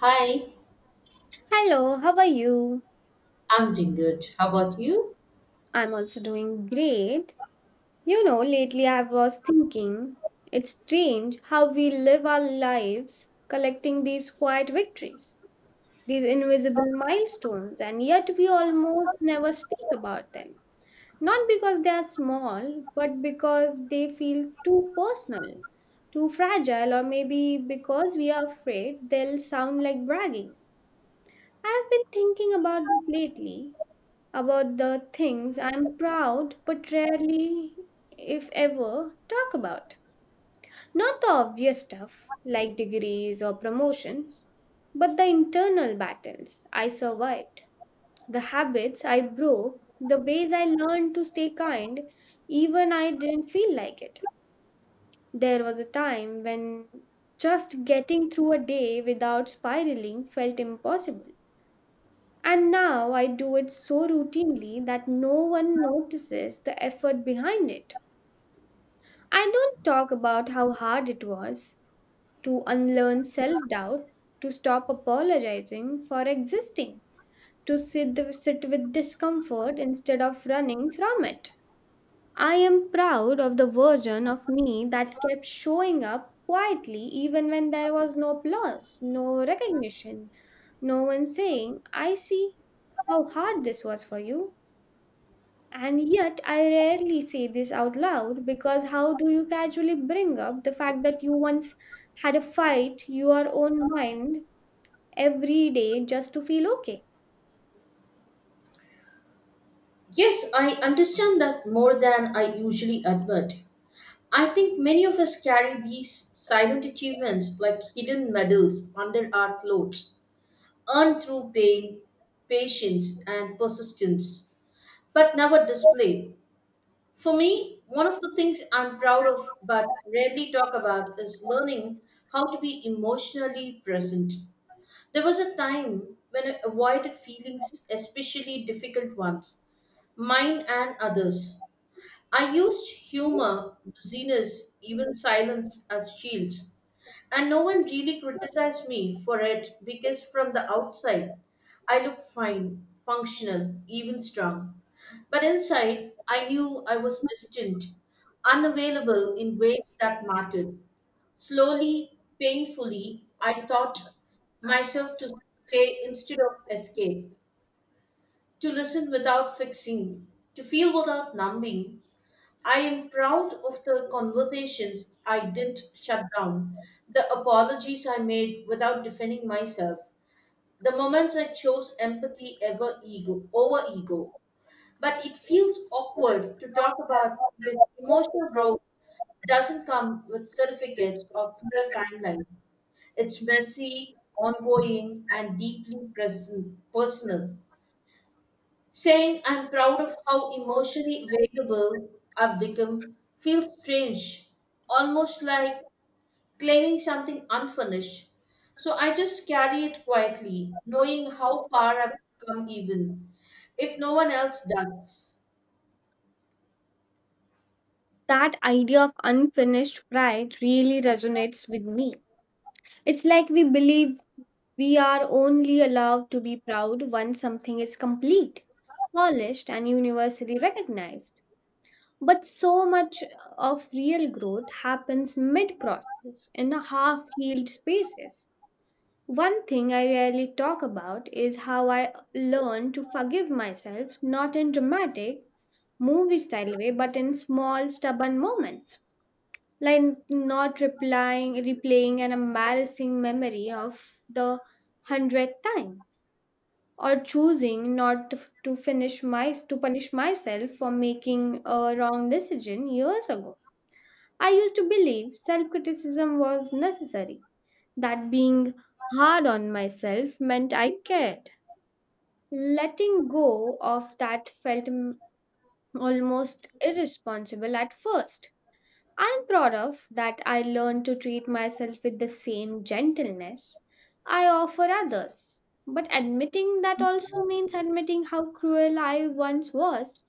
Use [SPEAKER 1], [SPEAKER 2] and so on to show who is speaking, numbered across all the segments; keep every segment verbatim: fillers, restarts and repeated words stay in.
[SPEAKER 1] Hi,
[SPEAKER 2] Hello, how are you?
[SPEAKER 1] I'm doing good. How about you?
[SPEAKER 2] I'm also doing great. You know, lately I was thinking it's strange how we live our lives collecting these quiet victories, these invisible milestones, and yet we almost never speak about them. Not because they are small, but because they feel too personal, too fragile, or maybe because we are afraid they'll sound like bragging. I've been thinking about this lately about the things I'm proud but rarely, if ever, talk about. Not the obvious stuff like degrees or promotions, but the internal battles I survived, the habits I broke, the ways I learned to stay kind even I didn't feel like it. There was a time when just getting through a day without spiraling felt impossible. And now I do it so routinely that no one notices the effort behind it. I don't talk about how hard it was to unlearn self doubt, to stop apologizing for existing, to sit, sit with discomfort instead of running from it. I am proud of the version of me that kept showing up quietly even when there was no applause, no recognition, no one saying, I see how hard this was for you. And yet, I rarely say this out loud because how do you casually bring up the fact that you once had a fight, your own mind, every day just to feel okay?
[SPEAKER 1] Yes, I understand that more than I usually admit. I think many of us carry these silent achievements like hidden medals under our clothes, earned through pain, patience, and persistence, but never displayed. For me, one of the things I'm proud of but rarely talk about is learning how to be emotionally present. There was a time when I avoided feelings, especially difficult ones, mine and others. I used humor, busyness, even silence as shields. And no one really criticized me for it because from the outside, I looked fine, functional, even strong. But inside, I knew I was distant, unavailable in ways that mattered. Slowly, painfully, I taught myself to stay instead of escape, to listen without fixing, to feel without numbing. I am proud of the conversations I didn't shut down, the apologies I made without defending myself, the moments I chose empathy ever ego over ego. But it feels awkward to talk about because emotional growth doesn't come with certificates or clear timelines. It's messy, ongoing, and deeply present, personal. Saying I'm proud of how emotionally available I've become feels strange, almost like claiming something unfinished. So I just carry it quietly, knowing how far I've come, even if no one else does.
[SPEAKER 2] That idea of unfinished pride really resonates with me. It's like we believe we are only allowed to be proud once something is complete, polished, and universally recognized. But so much of real growth happens mid process in a half healed spaces. One thing I rarely talk about is how I learn to forgive myself, not in dramatic, movie style way, but in small, stubborn moments. Like not replying, replaying an embarrassing memory of the hundredth time, or choosing not to to finish my to punish myself for making a wrong decision years ago. I used to believe self criticism was necessary, that being hard on myself meant I cared. Letting go of that felt m- almost irresponsible at first. I'm proud of that I learned to treat myself with the same gentleness I offer others. But admitting that also means admitting how cruel I once was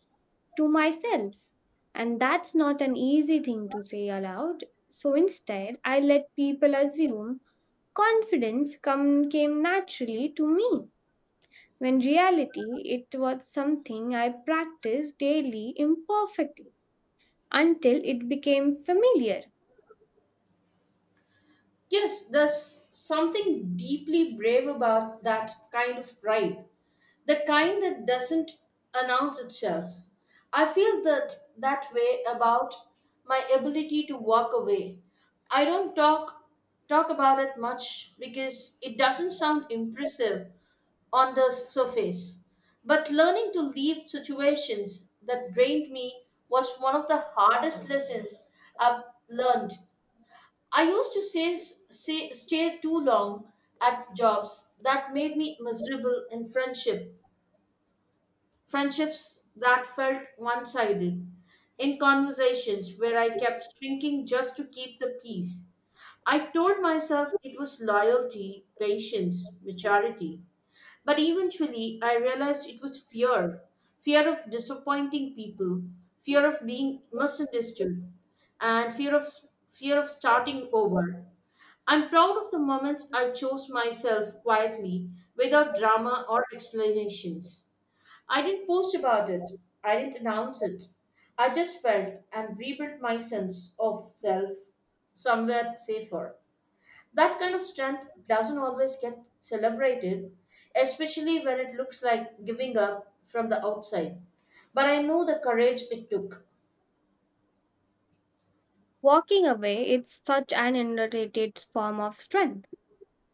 [SPEAKER 2] to myself. And that's not an easy thing to say aloud. So instead, I let people assume confidence come, came naturally to me. When reality, it was something I practiced daily imperfectly until it became familiar.
[SPEAKER 1] Yes, there's something deeply brave about that kind of pride, the kind that doesn't announce itself. I feel that that way about my ability to walk away. I don't talk talk about it much because it doesn't sound impressive on the surface. But learning to leave situations that drained me was one of the hardest lessons I've learned. I used to say, say stay too long at jobs that made me miserable, in friendship friendships that felt one sided, in conversations where I kept shrinking just to keep the peace. I told myself it was loyalty, patience, maturity. But eventually, I realized it was fear fear of disappointing people, fear of being misunderstood, and fear of, fear of starting over. I'm proud of the moments I chose myself quietly without drama or explanations. I didn't post about it. I didn't announce it. I just felt and rebuilt my sense of self somewhere safer. That kind of strength doesn't always get celebrated, especially when it looks like giving up from the outside. But I know the courage it took.
[SPEAKER 2] Walking away, it's such an underrated form of strength.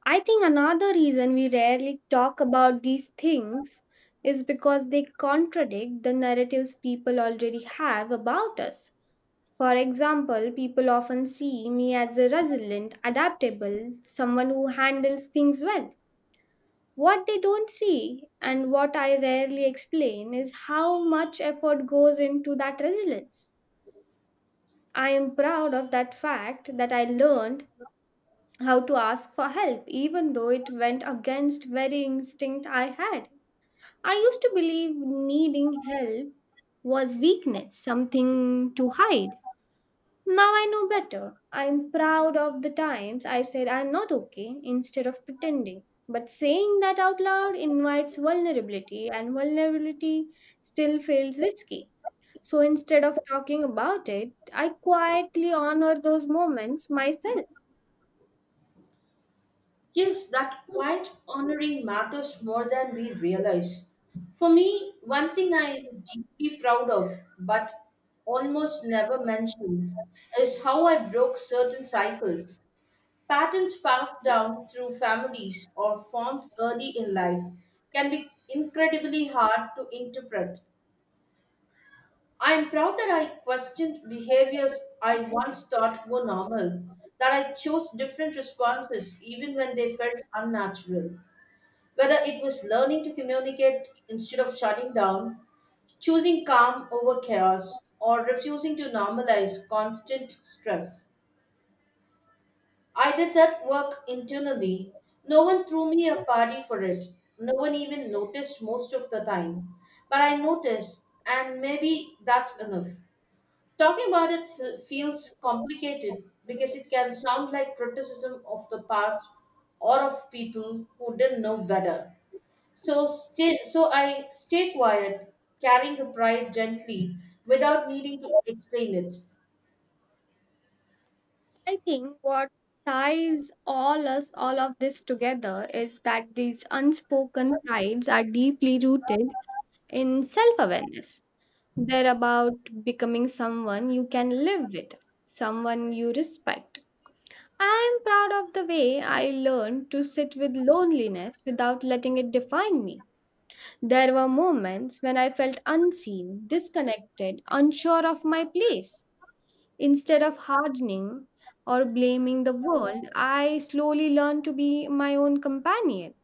[SPEAKER 2] I think another reason we rarely talk about these things is because they contradict the narratives people already have about us. For example, people often see me as a resilient, adaptable, someone who handles things well. What they don't see, and what I rarely explain, is how much effort goes into that resilience. I am proud of that fact that I learned how to ask for help, even though it went against very instinct I had. I used to believe needing help was weakness, something to hide. Now I know better. I'm proud of the times I said I'm not okay instead of pretending. But saying that out loud invites vulnerability, and vulnerability still feels risky. So instead of talking about it, I quietly honor those moments myself.
[SPEAKER 1] Yes, that quiet honoring matters more than we realize. For me, one thing I am deeply proud of, but almost never mentioned, is how I broke certain cycles. Patterns passed down through families or formed early in life can be incredibly hard to interpret. I am proud that I questioned behaviors I once thought were normal, that I chose different responses even when they felt unnatural. Whether it was learning to communicate instead of shutting down, choosing calm over chaos, or refusing to normalize constant stress. I did that work internally. No one threw me a party for it. No one even noticed most of the time. But I noticed, and maybe that's enough. Talking about it f- feels complicated because it can sound like criticism of the past or of people who didn't know better. So, stay, so I stay quiet, carrying the pride gently without needing to explain it.
[SPEAKER 2] I think what ties all us, all of this together, is that these unspoken prides are deeply rooted in self awareness. They're about becoming someone you can live with, someone you respect. I'm proud of the way I learned to sit with loneliness without letting it define me. There were moments when I felt unseen, disconnected, unsure of my place. Instead of hardening or blaming the world, I slowly learned to be my own companion.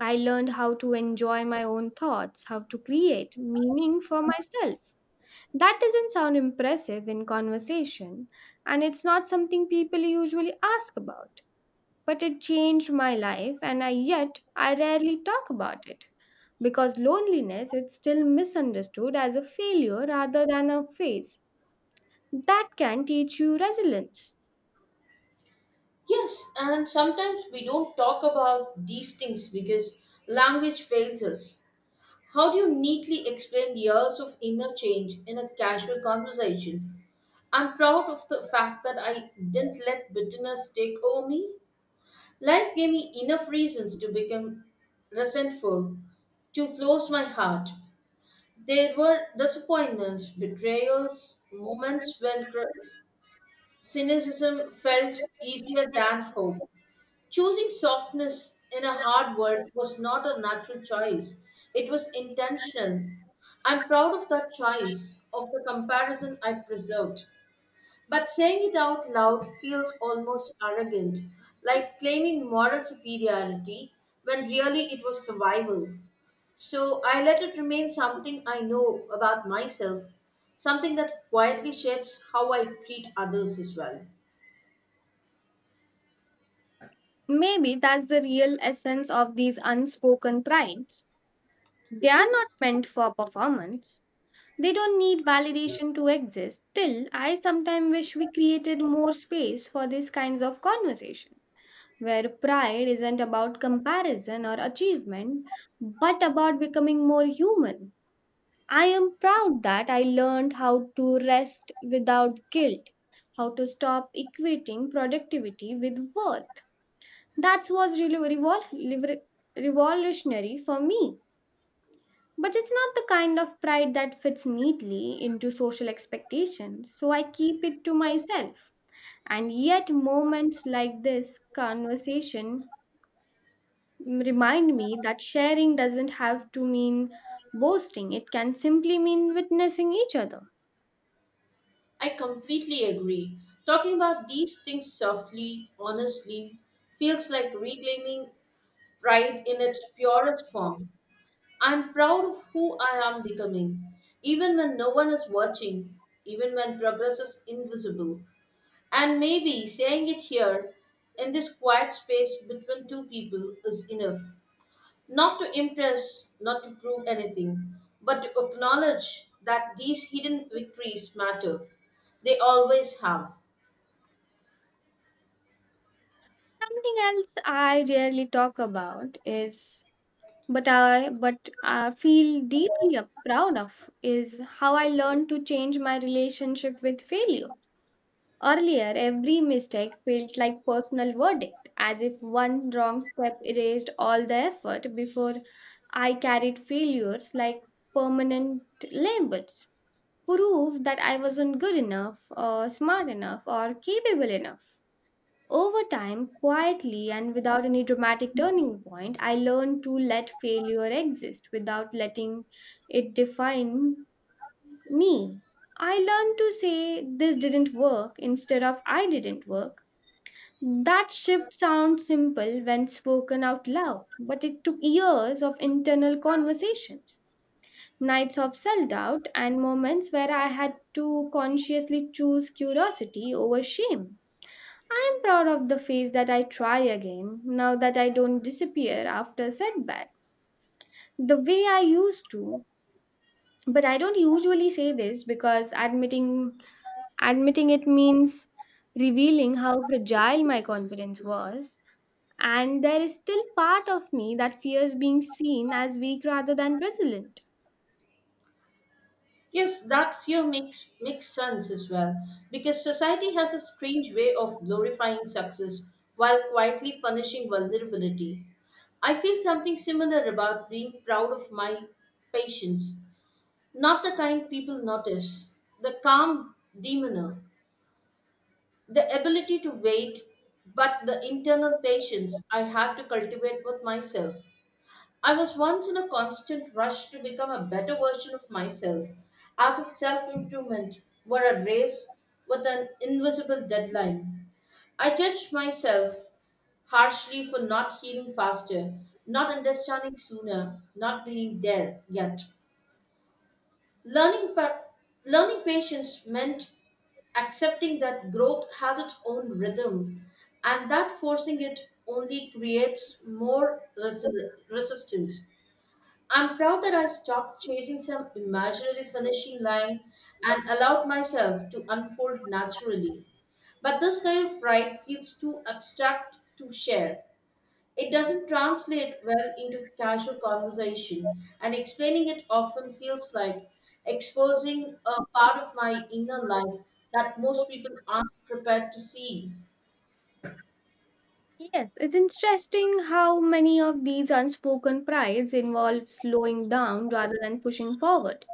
[SPEAKER 2] I learned how to enjoy my own thoughts, how to create meaning for myself. That doesn't sound impressive in conversation, and it's not something people usually ask about. But it changed my life, and I yet I rarely talk about it because loneliness is still misunderstood as a failure rather than a phase. That can teach you resilience.
[SPEAKER 1] Yes, and sometimes we don't talk about these things because language fails us. How do you neatly explain years of inner change in a casual conversation? I'm proud of the fact that I didn't let bitterness take over me. Life gave me enough reasons to become resentful, to close my heart. There were disappointments, betrayals, moments when cr- cynicism felt easier than hope. Choosing softness in a hard world was not a natural choice, it was intentional. I'm proud of that choice, of the comparison I preserved. But saying it out loud feels almost arrogant, like claiming moral superiority when really it was survival. So I let it remain something I know about myself, something that quietly shapes how I treat others as well.
[SPEAKER 2] Maybe that's the real essence of these unspoken primes. They are not meant for performance. They don't need validation to exist. Still, I sometimes wish we created more space for these kinds of conversation, where pride isn't about comparison or achievement, but about becoming more human. I am proud that I learned how to rest without guilt, how to stop equating productivity with worth that was really revol- liver- revolutionary for me. But it's not the kind of pride that fits neatly into social expectations, so I keep it to myself. And yet, moments like this conversation remind me that sharing doesn't have to mean boasting, it can simply mean witnessing each other.
[SPEAKER 1] I completely agree. Talking about these things softly, honestly, feels like reclaiming pride in its purest form. I'm proud of who I am becoming, even when no one is watching, even when progress is invisible. And maybe saying it here in this quiet space between two people is enough. Not to impress, not to prove anything, but to acknowledge that these hidden victories matter. They always have.
[SPEAKER 2] Something else I rarely talk about is but I but I feel deeply proud of is how I learned to change my relationship with failure. Earlier, every mistake felt like personal verdict, as if one wrong step erased all the effort before I carried failures like permanent labels, proof that I wasn't good enough or smart enough or capable enough. Over time, quietly and without any dramatic turning point, I learned to let failure exist without letting it define me. I learned to say this didn't work instead of I didn't work. That shift sounds simple when spoken out loud, but it took years of internal conversations, nights of self doubt, and moments where I had to consciously choose curiosity over shame. I am proud of the phase that I try again now that I don't disappear after setbacks the way I used to. But I don't usually say this because admitting admitting it means revealing how fragile my confidence was and there is still part of me that fears being seen as weak rather than resilient.
[SPEAKER 1] Yes, that fear makes makes sense as well, because society has a strange way of glorifying success while quietly punishing vulnerability. I feel something similar about being proud of my patience. Not the kind people notice, the calm demeanor, the ability to wait, but the internal patience I have to cultivate with myself. I was once in a constant rush to become a better version of myself, as if self improvement were a race with an invisible deadline. I judged myself harshly for not healing faster, not understanding sooner, not being there yet. Learning, pa- learning patience meant accepting that growth has its own rhythm and that forcing it only creates more resi- resistance. I'm proud that I stopped chasing some imaginary finishing line and allowed myself to unfold naturally. But this kind of pride feels too abstract to share. It doesn't translate well into casual conversation, and explaining it often feels like exposing a part of my inner life that most people aren't prepared to see.
[SPEAKER 2] Yes, it's interesting how many of these unspoken prides involve slowing down rather than pushing forward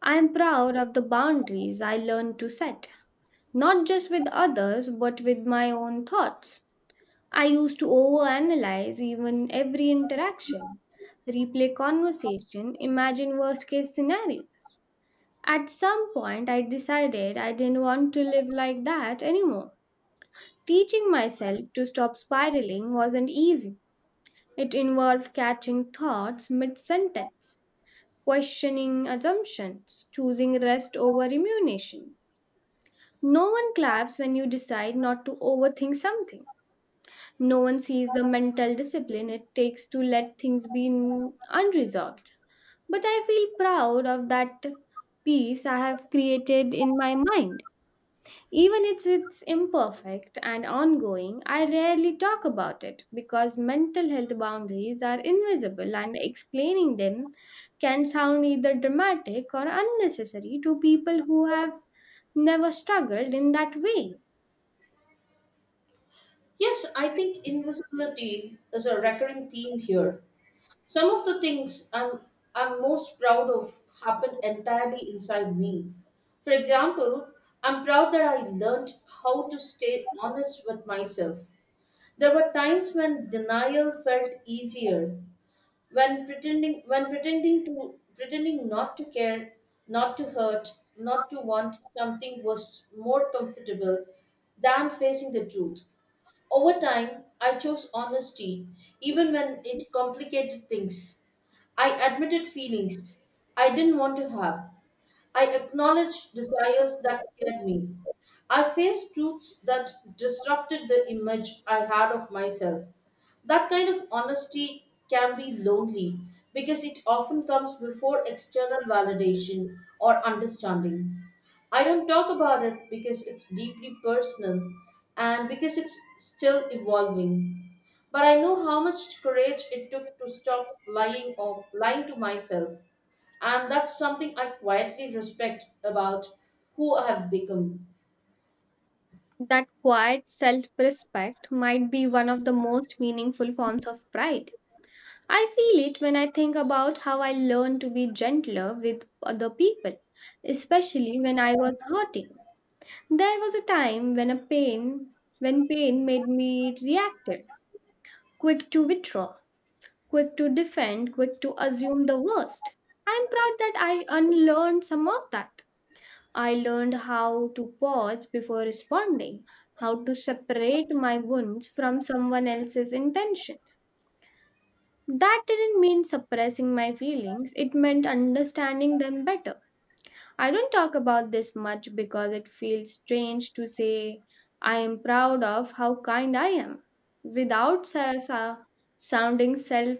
[SPEAKER 2] I am proud of the boundaries I learned to set, not just with others, but with my own thoughts. I used to overanalyze even every interaction, replay conversation, imagine worst case scenarios. At some point, I decided I didn't want to live like that anymore. Teaching myself to stop spiraling wasn't easy. It involved catching thoughts mid sentence, questioning assumptions, choosing rest over remuneration. No one claps when you decide not to overthink something. No one sees the mental discipline it takes to let things be n- unresolved. But I feel proud of that peace I have created in my mind. Even if it's imperfect and ongoing, I rarely talk about it because mental health boundaries are invisible and explaining them can sound either dramatic or unnecessary to people who have never struggled in that way.
[SPEAKER 1] Yes, I think invisibility is a recurring theme here. Some of the things I'm, I'm most proud of happened entirely inside me. For example, I'm proud that I learned how to stay honest with myself. There were times when denial felt easier, when pretending when pretending to pretending not to care, not to hurt, not to want something was more comfortable than facing the truth. Over time, I chose honesty even when it complicated things. I admitted feelings I didn't want to have. I acknowledged desires that scared me. I faced truths that disrupted the image I had of myself. That kind of honesty can be lonely because it often comes before external validation or understanding. I don't talk about it because it's deeply personal and because it's still evolving. But I know how much courage it took to stop lying or lying to myself, and that's something I quietly respect about who I have become.
[SPEAKER 2] That quiet self respect might be one of the most meaningful forms of pride. I feel it when I think about how I learned to be gentler with other people, especially when I was hurting. There was a time when a pain when pain made me reactive, quick to withdraw, quick to defend, quick to assume the worst. I'm proud that I unlearned some of that I learned how to pause before responding, how to separate my wounds from someone else's intentions. That didn't mean suppressing my feelings, it meant understanding them better. I don't talk about this much because it feels strange to say I am proud of how kind I am without sa- sa- sounding self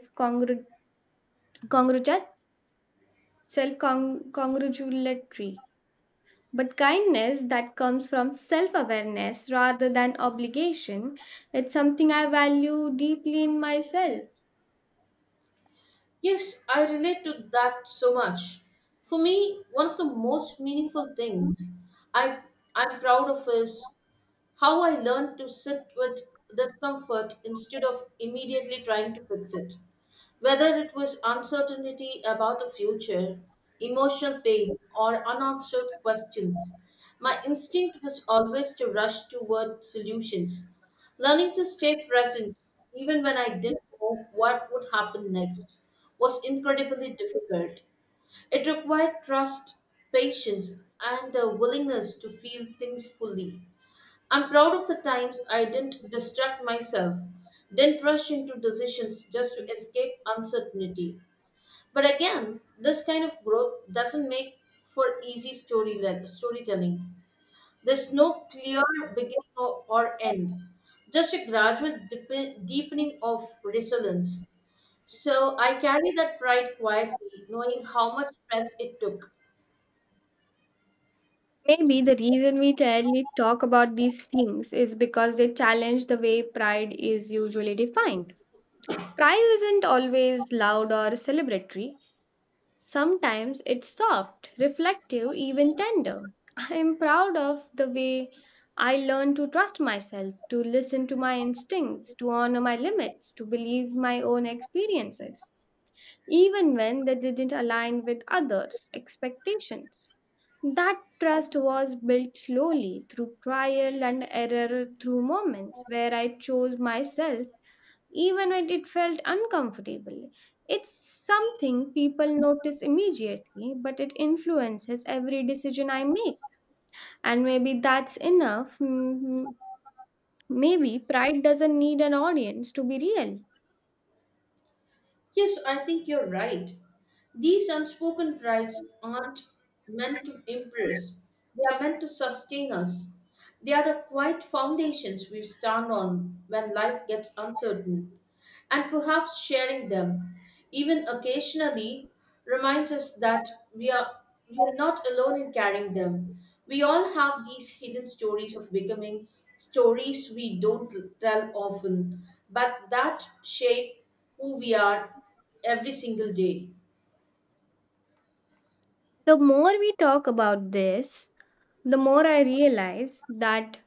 [SPEAKER 2] congratulatory. But kindness that comes from self awareness rather than obligation, it's something I value deeply in myself.
[SPEAKER 1] Yes, I relate to that so much. For me, one of the most meaningful things I I'm proud of is how I learned to sit with discomfort instead of immediately trying to fix it. Whether it was uncertainty about the future, emotional pain, or unanswered questions, my instinct was always to rush toward solutions. Learning to stay present, even when I didn't know what would happen next, was incredibly difficult. It required trust, patience, and the willingness to feel things fully. I'm proud of the times I didn't distract myself, didn't rush into decisions just to escape uncertainty. But again, this kind of growth doesn't make for easy story le- storytelling. There's no clear beginning or, or end, just a gradual dip- deepening of resilience. So I carry that pride quietly, knowing how much strength it took.
[SPEAKER 2] Maybe the reason we rarely talk about these things is because they challenge the way pride is usually defined. Pride isn't always loud or celebratory, sometimes it's soft, reflective, even tender. I am proud of the way I learned to trust myself, to listen to my instincts, to honor my limits, to believe my own experiences, even when they didn't align with others' expectations. That trust was built slowly through trial and error, through moments where I chose myself even when it felt uncomfortable. It's something people notice immediately, but it influences every decision I make. And maybe that's enough. Mm, Maybe pride doesn't need an audience to be real.
[SPEAKER 1] Yes, I think you're right. These unspoken rights aren't meant to impress, they are meant to sustain us. They are the quiet foundations we stand on when life gets uncertain. And perhaps sharing them, even occasionally, reminds us that we are, we are not alone in carrying them. We all have these hidden stories of becoming, stories we don't tell often, but that shape who we are every single day.
[SPEAKER 2] The more we talk about this, the more I realize that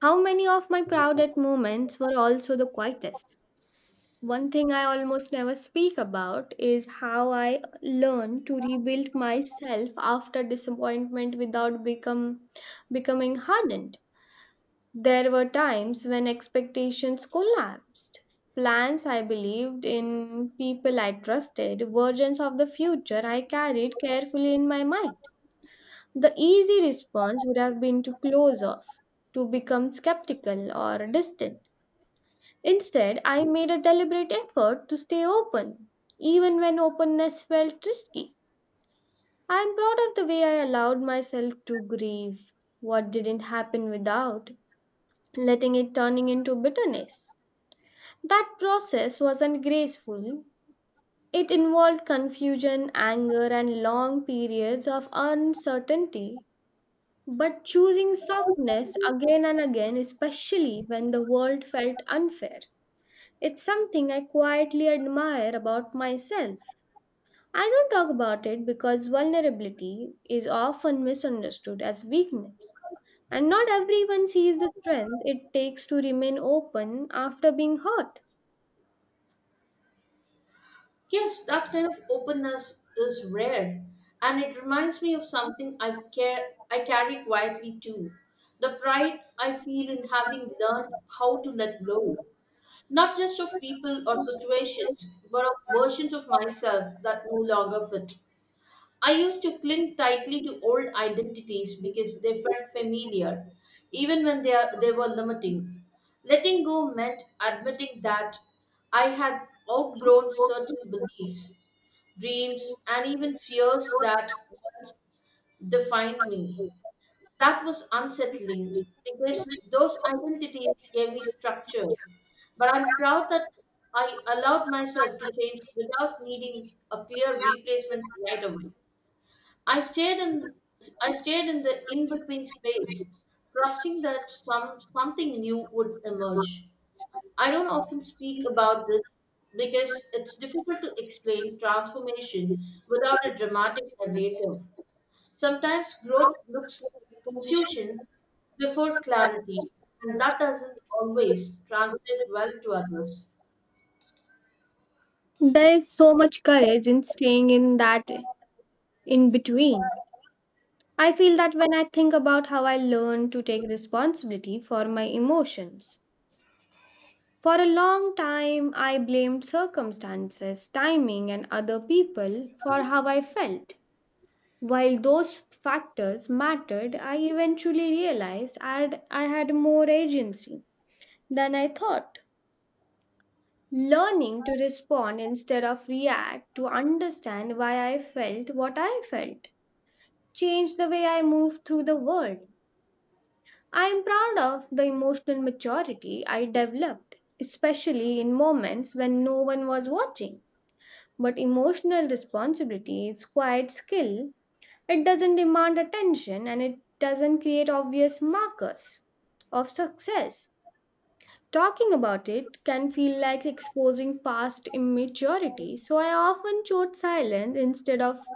[SPEAKER 2] how many of my proudest moments were also the quietest. One thing I almost never speak about is how I learn to rebuild myself after disappointment without become becoming hardened. There were times when expectations collapsed. Plans I believed in, people I trusted, versions of the future I carried carefully in my mind. The easy response would have been to close off, to become skeptical or distant. Instead, I made a deliberate effort to stay open, even when openness felt risky. I'm proud of the way I allowed myself to grieve what didn't happen without letting it turning into bitterness. That process wasn't graceful. It involved confusion, anger, and long periods of uncertainty. But choosing softness again and again, especially when the world felt unfair. It's something I quietly admire about myself. I don't talk about it because vulnerability is often misunderstood as weakness, and not everyone sees the strength it takes to remain open after being hurt.
[SPEAKER 1] Yes, that kind of openness is rare, and it reminds me of something I care I carry quietly too. The pride I feel in having learned how to let go, not just of people or situations, but of versions of myself that no longer fit. I used to cling tightly to old identities because they felt familiar, even when they, are, they were limiting. Letting go meant admitting that I had outgrown certain beliefs, dreams, and even fears that once defined me. That was unsettling because those identities gave me structure. But I'm proud that I allowed myself to change without needing a clear replacement right away. I stayed in I stayed in the in-between space, trusting that some something new would emerge. I don't often speak about this because it's difficult to explain transformation without a dramatic narrative. Sometimes growth looks like confusion before clarity, and that doesn't always translate well to others.
[SPEAKER 2] There is so much courage in staying in that in between. I feel that when I think about how I learned to take responsibility for my emotions, for a long time, I blamed circumstances, timing, and other people for how I felt. While those factors mattered, I eventually realized I'd, I had more agency than I thought. Learning to respond instead of react, to understand why I felt what I felt, changed the way I moved through the world. I am proud of the emotional maturity I developed, especially in moments when no one was watching. But emotional responsibility is quite skill. It doesn't demand attention and it doesn't create obvious markers of success. Talking about it can feel like exposing past immaturity, so I often chose silence instead of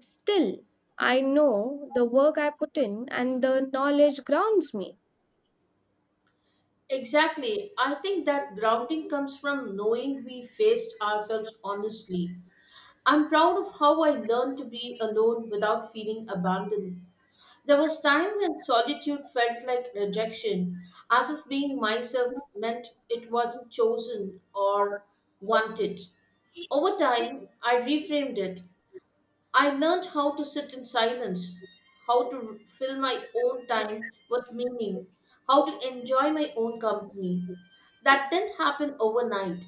[SPEAKER 2] still. I know the work I put in and the knowledge grounds me.
[SPEAKER 1] Exactly. I think that grounding comes from knowing we faced ourselves honestly. I'm proud of how I learned to be alone without feeling abandoned. There was time when solitude felt like rejection, as if being myself meant it wasn't chosen or wanted. Over time, I reframed it. I learned how to sit in silence, how to fill my own time with meaning, how to enjoy my own company. That didn't happen overnight.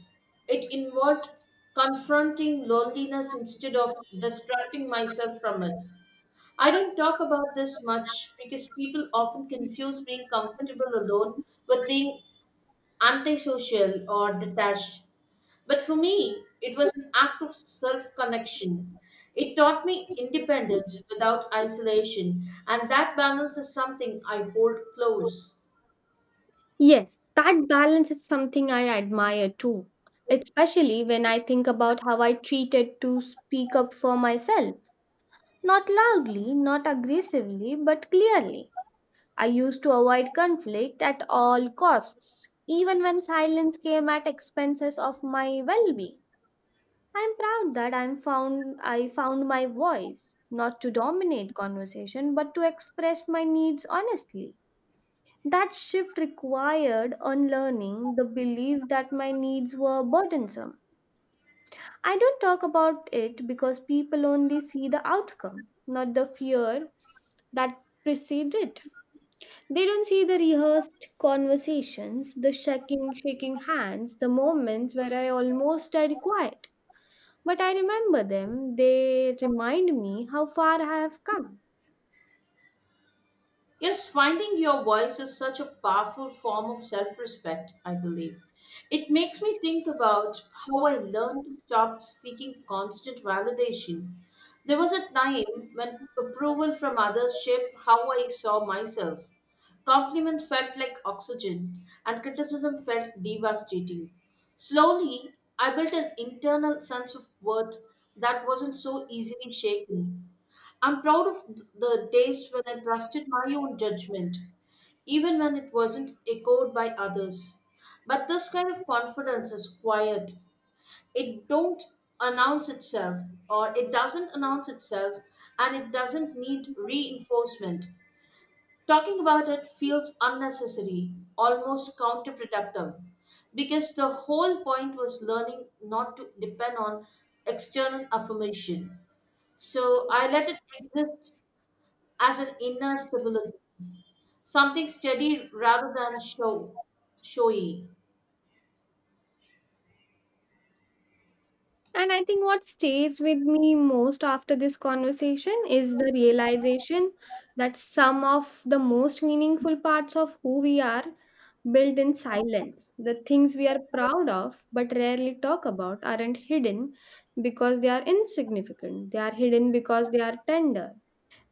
[SPEAKER 1] It involved confronting loneliness instead of distracting myself from it. I don't talk about this much because people often confuse being comfortable alone with being antisocial or detached. But for me, it was an act of self connection. It taught me independence without isolation, and that balance is something I hold close.
[SPEAKER 2] Yes, that balance is something I admire too, especially when I think about how I treated to speak up for myself. Not loudly, not aggressively, but clearly. I used to avoid conflict at all costs, even when silence came at expenses of my well-being. I'm proud that I'm found I found my voice, not to dominate conversation, but to express my needs honestly. That shift required unlearning the belief that my needs were burdensome. I don't talk about it because people only see the outcome, not the fear that precede it. They don't see the rehearsed conversations, the shaking, shaking hands, the moments where I almost died quiet. But I remember them. They remind me how far I have come.
[SPEAKER 1] Yes, finding your voice is such a powerful form of self respect, I believe. It makes me think about how I learned to stop seeking constant validation. There was a time when approval from others shaped how I saw myself. Compliment felt like oxygen, and criticism felt devastating. Slowly, I built an internal sense of worth that wasn't so easily shaken. I'm proud of th- the days when I trusted my own judgment, even when it wasn't echoed by others. But this kind of confidence is quiet. It don't announce itself or it doesn't announce itself and it doesn't need reinforcement. Talking about it feels unnecessary, almost counterproductive, because the whole point was learning not to depend on external affirmation. So I let it exist as an inner stability, something steady rather than show, showy.
[SPEAKER 2] And I think what stays with me most after this conversation is the realization that some of the most meaningful parts of who we are built in silence. The things we are proud of but rarely talk about aren't hidden because they are insignificant. They are hidden because they are tender,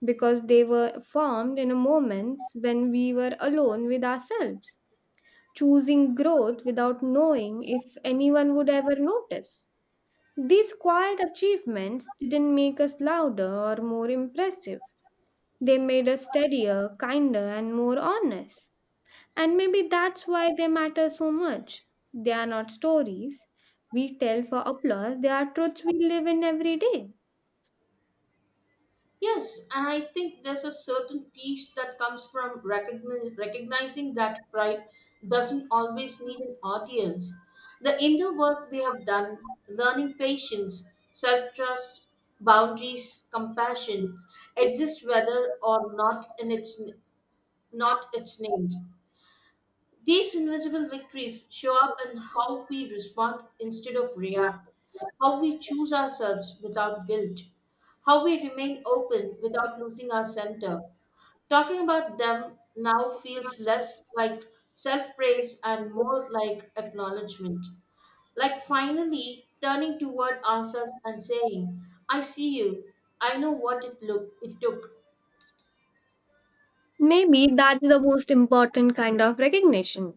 [SPEAKER 2] because they were formed in a moments when we were alone with ourselves, choosing growth without knowing if anyone would ever notice. These quiet achievements didn't make us louder or more impressive. They made us steadier, kinder, and more honest. And maybe that's why they matter so much. They are not stories we tell for applause, they are truths we live in every day.
[SPEAKER 1] Yes, and I think there's a certain peace that comes from recogni- recognizing that pride doesn't always need an audience. The inner work we have done, learning patience, self trust, boundaries, compassion, exists whether or not in its, not its named. These invisible victories show up in how we respond instead of react, how we choose ourselves without guilt, how we remain open without losing our center. Talking about them now feels less like self praise and more like acknowledgement. Like finally turning toward ourselves and saying, I see you, I know what it, look, it took.
[SPEAKER 2] Maybe that's the most important kind of recognition.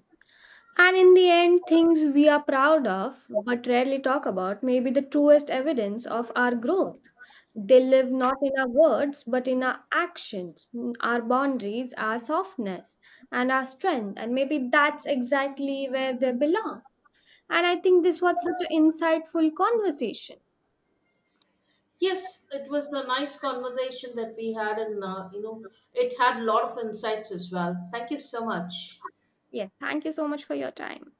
[SPEAKER 2] And in the end, things we are proud of but rarely talk about may be the truest evidence of our growth. They live not in our words but in our actions, our boundaries, our softness, and our strength. And maybe that's exactly where they belong. And I think this was such an insightful conversation.
[SPEAKER 1] Yes, it was a nice conversation that we had, and uh, you know, it had a lot of insights as well. Thank you so much.
[SPEAKER 2] Yes, thank you so much for your time.